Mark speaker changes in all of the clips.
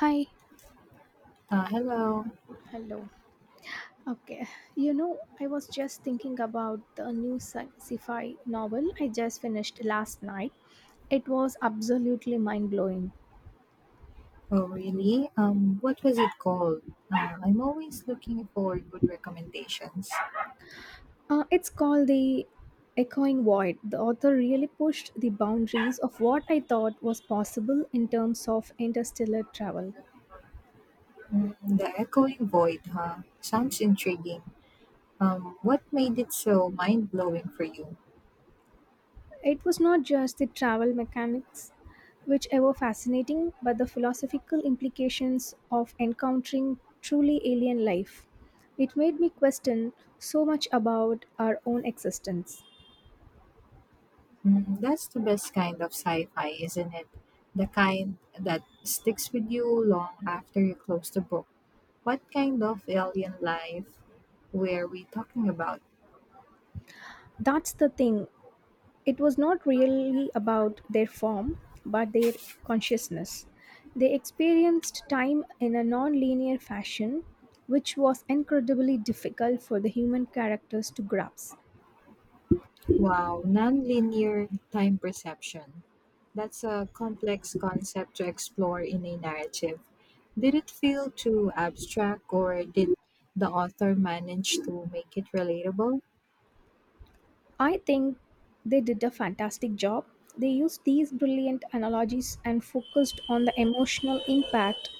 Speaker 1: Hi.
Speaker 2: Hello.
Speaker 1: Hello. Okay. I was just thinking about the new sci-fi novel I just finished last night. It was absolutely mind-blowing.
Speaker 2: Oh, really? What was it called? I'm always looking for good recommendations.
Speaker 1: It's called The Echoing Void. The author really pushed the boundaries of what I thought was possible in terms of interstellar travel.
Speaker 2: Mm, the Echoing Void, huh? Sounds intriguing. What made it so mind blowing for you?
Speaker 1: It was not just the travel mechanics, whichever fascinating, but the philosophical implications of encountering truly alien life. It made me question so much about our own existence.
Speaker 2: Mm, that's the best kind of sci fi, isn't it? The kind that sticks with you long after you close the book. What kind of alien life were we talking about?
Speaker 1: That's the thing. It was not really about their form, but their consciousness. They experienced time in a non linear fashion, which was incredibly difficult for the human characters to grasp.
Speaker 2: Wow, nonlinear time perception. That's a complex concept to explore in a narrative. Did it feel too abstract or did the author manage to make it relatable?
Speaker 1: I think they did a fantastic job. They used these brilliant analogies and focused on the emotional impact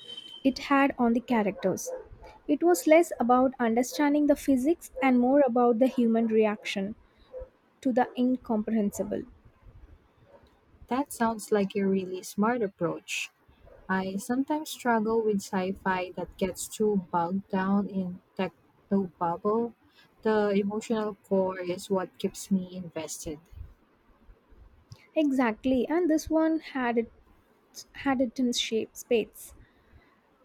Speaker 1: it had on the characters. It was less about understanding the physics and more about the human reaction to the incomprehensible.
Speaker 2: That sounds like a really smart approach. I sometimes struggle with sci fi that gets too bogged down in techno bubble. The emotional core is what keeps me invested.
Speaker 1: Exactly, and this one had it in shape spades.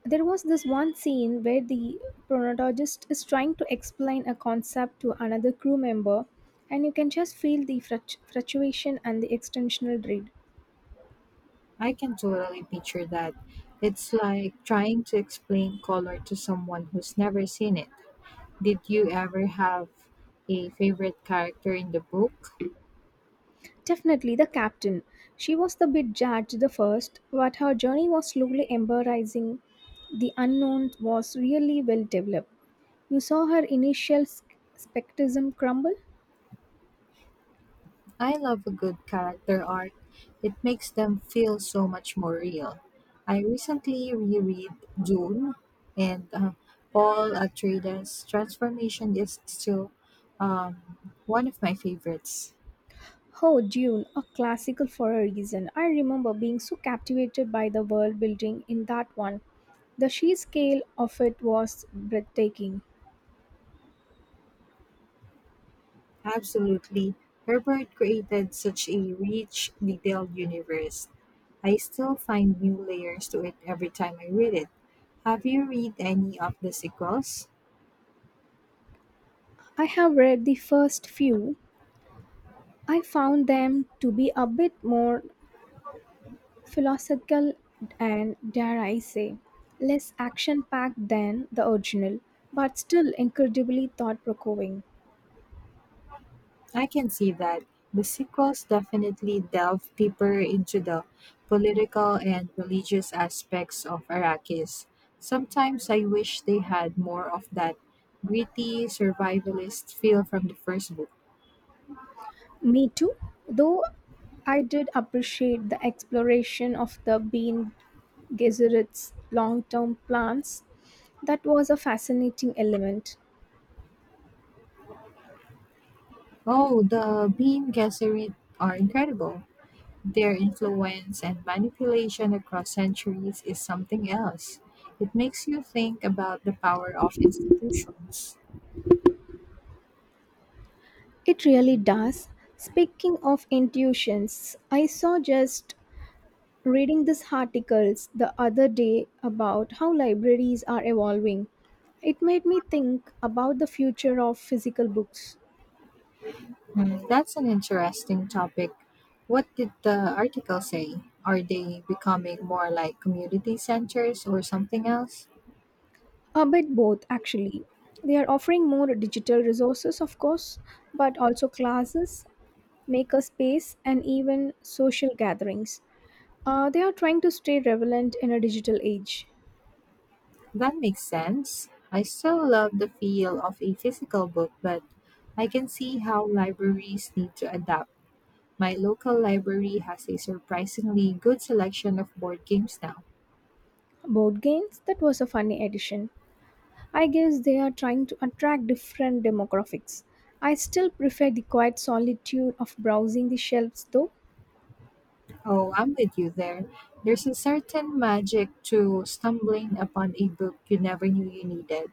Speaker 1: There was this one scene where the chronologist is trying to explain a concept to another crew member, and you can just feel the fluctuation and the extensional dread.
Speaker 2: I can totally picture that. It's like trying to explain color to someone who's never seen it. Did you ever have a favorite character in the book?
Speaker 1: Definitely the captain. She was the bit judged the first, but her journey was slowly embarrassing the unknown was really well developed. You saw her initial skepticism crumble.
Speaker 2: I love a good character arc. It makes them feel so much more real. I recently reread Dune, and Paul Atreides' transformation is still um, one of my favorites.
Speaker 1: Oh, Dune, a classical for a reason. I remember being so captivated by the world building in that one. The sheer scale of it was breathtaking.
Speaker 2: Absolutely. Herbert created such a rich, detailed universe. I still find new layers to it every time I read it. Have you read any of the sequels?
Speaker 1: I have read the first few. I found them to be a bit more philosophical and, dare I say, less action packed than the original, but still incredibly thought provoking.
Speaker 2: I can see that the sequels definitely delve deeper into the political and religious aspects of Arrakis. Sometimes I wish they had more of that gritty survivalist feel from the first book.
Speaker 1: Me too, though I did appreciate the exploration of the being Gesserit's long term plans. That was a fascinating element.
Speaker 2: Oh, the Bean Gesserit are incredible. Their influence and manipulation across centuries is something else. It makes you think about the power of institutions.
Speaker 1: It really does. Speaking of intuitions, I saw just reading this articles the other day about how libraries are evolving. It made me think about the future of physical books.
Speaker 2: Hmm, that's an interesting topic. What did the article say? Are they becoming more like community centers or something else?
Speaker 1: A bit both, actually. They are offering more digital resources, of course, but also classes, maker space, and even social gatherings. They are trying to stay relevant in a digital age.
Speaker 2: That makes sense. I still love the feel of a physical book, but I can see how libraries need to adapt. My local library has a surprisingly good selection of board games now.
Speaker 1: Board games, that was a funny addition. I guess they are trying to attract different demographics. I still prefer the quiet solitude of browsing the shelves, though.
Speaker 2: Oh, I'm with you there. There's a certain magic to stumbling upon a book you never knew you needed.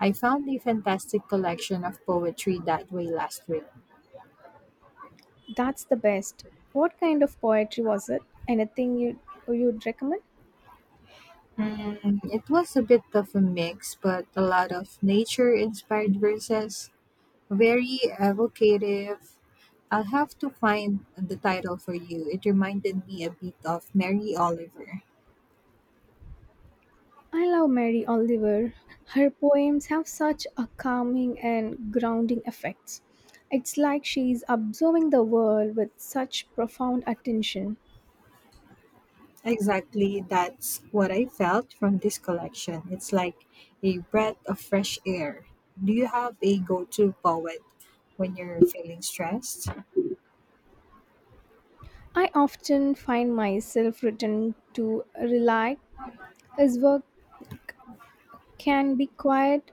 Speaker 2: I found a fantastic collection of poetry that way last week.
Speaker 1: That's the best. What kind of poetry was it? Anything you'd recommend?
Speaker 2: Mm, it was a bit of a mix, but a lot of nature inspired verses, very evocative. I'll have to find the title for you. It reminded me a bit of Mary Oliver.
Speaker 1: I love Mary Oliver. Her poems have such a calming and grounding effects. It's like she's observing the world with such profound attention.
Speaker 2: Exactly, that's what I felt from this collection. It's like a breath of fresh air. Do you have a go to poet when you're feeling stressed?
Speaker 1: I often find myself returning to relax. His work can be quite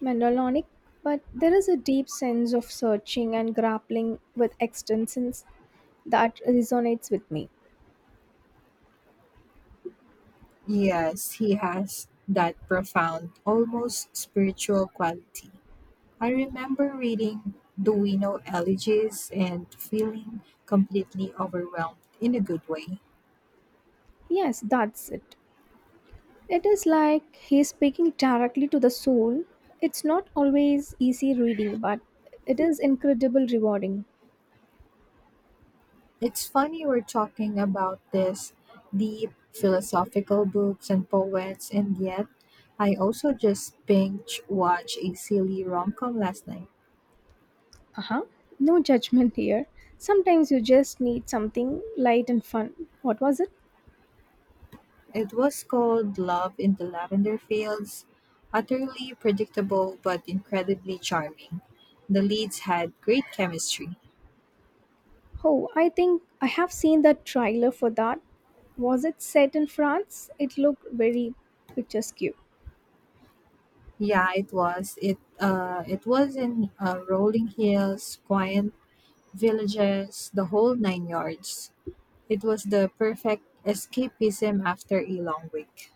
Speaker 1: melancholic, but there is a deep sense of searching and grappling with existence that resonates with me.
Speaker 2: Yes, he has that profound, almost spiritual quality. I remember reading Duino elegies and feeling completely overwhelmed in a good way.
Speaker 1: Yes, that's it. It is like he is speaking directly to the soul. It's not always easy reading, but it is incredible rewarding.
Speaker 2: It's funny we're talking about this deep philosophical books and poets, and yet I also just binge watched a silly rom com last night.
Speaker 1: Uh huh. No judgment here. Sometimes you just need something light and fun. What was it?
Speaker 2: It was called Love in the Lavender Fields, utterly predictable but incredibly charming. The leads had great chemistry.
Speaker 1: Oh, I think I have seen the trailer for that. Was it set in France? It looked very picturesque.
Speaker 2: Yeah, it was. It was in rolling hills, quiet villages, the whole nine yards. It was the perfect escapism after a long week.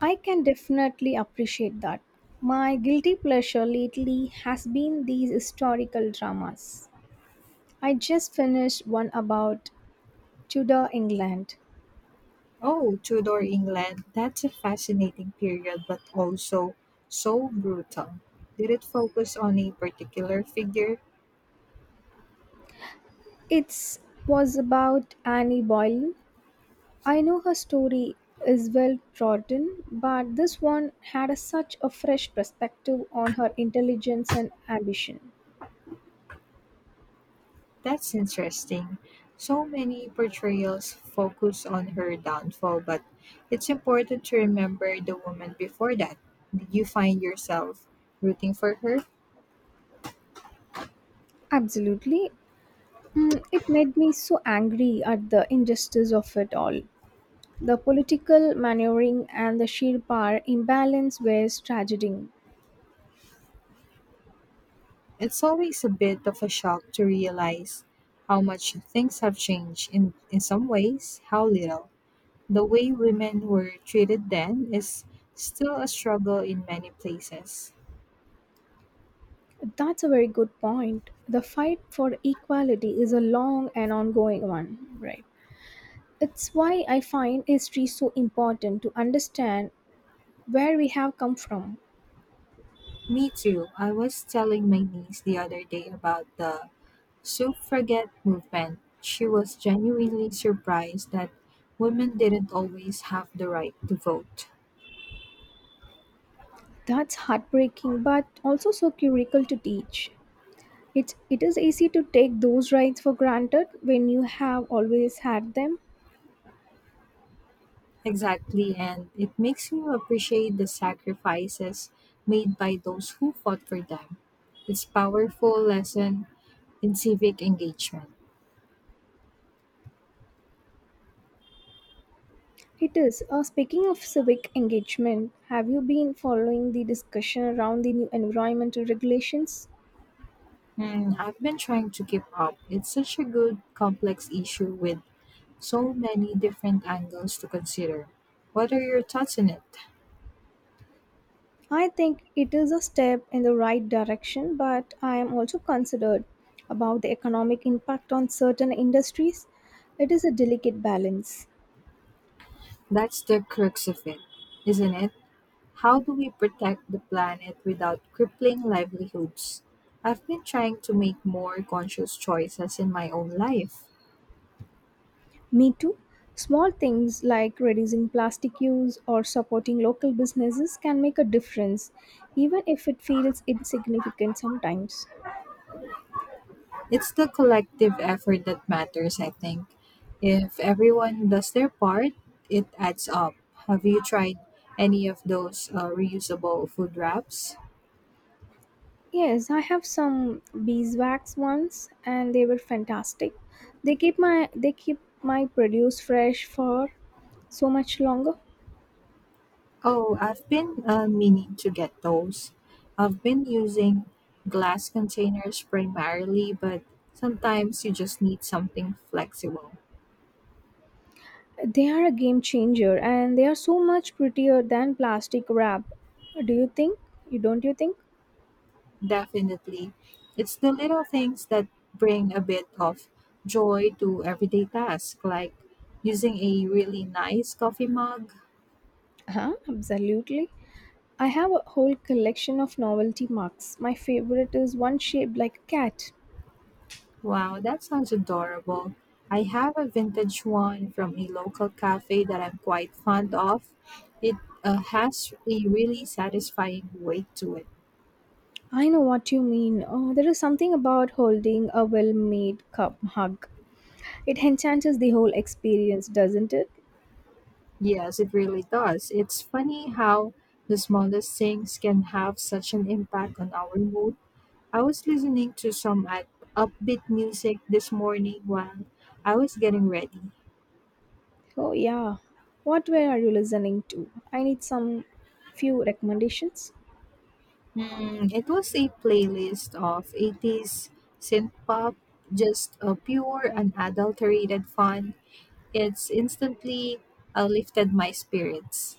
Speaker 1: I can definitely appreciate that. My guilty pleasure lately has been these historical dramas. I just finished one about Tudor England.
Speaker 2: Oh, Tudor England, that's a fascinating period, but also so brutal. Did it focus on a particular figure?
Speaker 1: It was about Annie Boleyn. I know her story is well trodden, but this one had a, such a fresh perspective on her intelligence and ambition.
Speaker 2: That's interesting. So many portrayals focus on her downfall, but it's important to remember the woman before that. Did you find yourself rooting for her?
Speaker 1: Absolutely. Mm, it made me so angry at the injustice of it all. The political maneuvering and the sheer power imbalance was tragedy.
Speaker 2: It's always a bit of a shock to realize how much things have changed in some ways, how little. The way women were treated then is still a struggle in many places.
Speaker 1: That's a very good point. The fight for equality is a long and ongoing one, right? It's why I find history so important to understand where we have come from.
Speaker 2: Me too. I was telling my niece the other day about the suffragette movement. She was genuinely surprised that women didn't always have the right to vote.
Speaker 1: That's heartbreaking, but also so curical to teach. It is easy to take those rights for granted when you have always had them.
Speaker 2: Exactly, and it makes you appreciate the sacrifices made by those who fought for them. It's powerful lesson in civic engagement.
Speaker 1: It is. Speaking of civic engagement, have you been following the discussion around the new environmental regulations?
Speaker 2: Hmm, I've been trying to keep up. It's such a good complex issue with so many different angles to consider. What are your thoughts on it?
Speaker 1: I think it is a step in the right direction, but I am also concerned about the economic impact on certain industries. It is a delicate balance.
Speaker 2: That's the crux of it, isn't it? How do we protect the planet without crippling livelihoods? I've been trying to make more conscious choices in my own life.
Speaker 1: Me too. Small things like reducing plastic use or supporting local businesses can make a difference, even if it feels insignificant sometimes.
Speaker 2: It's the collective effort that matters, I think. If everyone does their part, it adds up. Have you tried any of those reusable food wraps?
Speaker 1: Yes, I have some beeswax ones and they were fantastic. They keep my produce fresh for so much longer.
Speaker 2: Oh, I've been meaning to get those. I've been using glass containers primarily, but sometimes you just need something flexible.
Speaker 1: They are a game changer and they are so much prettier than plastic wrap. Do you think? You don't you think?
Speaker 2: Definitely. It's the little things that bring a bit of joy to everyday tasks, like using a really nice coffee mug.
Speaker 1: Huh? Absolutely. I have a whole collection of novelty marks. My favorite is one shaped like a cat.
Speaker 2: Wow, that sounds adorable. I have a vintage one from a local cafe that I'm quite fond of. It has a really satisfying weight to it.
Speaker 1: I know what you mean. Oh, there is something about holding a well made cup hug. It enhances the whole experience, doesn't it?
Speaker 2: Yes, it really does. It's funny how the smallest things can have such an impact on our mood. I was listening to some upbeat music this morning while I was getting ready.
Speaker 1: Oh, yeah. What were are you listening to? I need some few recommendations.
Speaker 2: Hmm, it was a playlist of 80s synth pop, just a pure unadulterated fun. It's instantly lifted my spirits.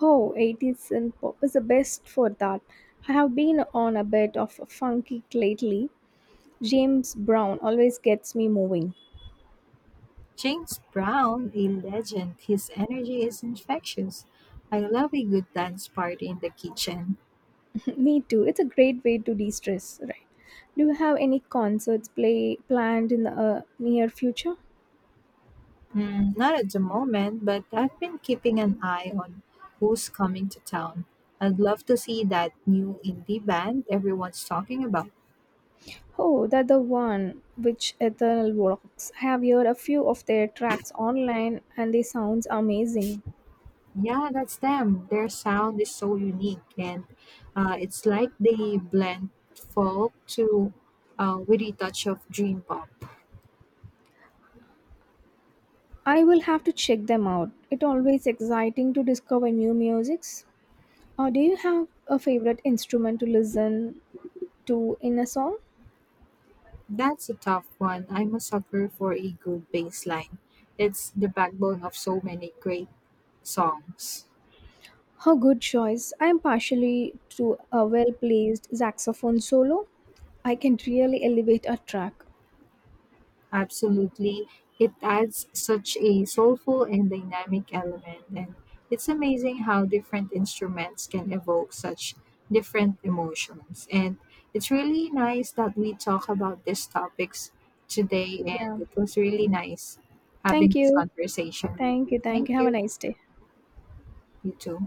Speaker 1: Oh, 80s and pop is the best for that. I have been on a bit of funk kick lately. James Brown always gets me moving.
Speaker 2: James Brown, a legend, his energy is infectious. I love a good dance party in the kitchen.
Speaker 1: Me too. It's a great way to de-stress, right? Do you have any concerts play planned in the near future?
Speaker 2: Mm, not at the moment, but I've been keeping an eye on who's coming to town. I'd love to see that new indie band everyone's talking about.
Speaker 1: Oh, that the one which Eternal Works. I have heard a few of their tracks online and they sounds amazing.
Speaker 2: Yeah, that's them. Their sound is so unique, and it's like they blend folk to with a touch of dream pop.
Speaker 1: I will have to check them out. It always exciting to discover new musics. Or do you have a favorite instrument to listen to in a song?
Speaker 2: That's a tough one. I'm a sucker for a good bass line. It's the backbone of so many great songs.
Speaker 1: How good choice. I am partially to a well placed saxophone solo. I can really elevate a track.
Speaker 2: Absolutely. It adds such a soulful and dynamic element, and it's amazing how different instruments can evoke such different emotions. And it's really nice that we talk about these topics today, and
Speaker 1: Yeah.
Speaker 2: it was really nice
Speaker 1: Thank
Speaker 2: having this
Speaker 1: you.
Speaker 2: conversation with
Speaker 1: Thank you.
Speaker 2: you.
Speaker 1: Thank
Speaker 2: Thank
Speaker 1: you. Have a
Speaker 2: you.
Speaker 1: nice day.
Speaker 2: You too.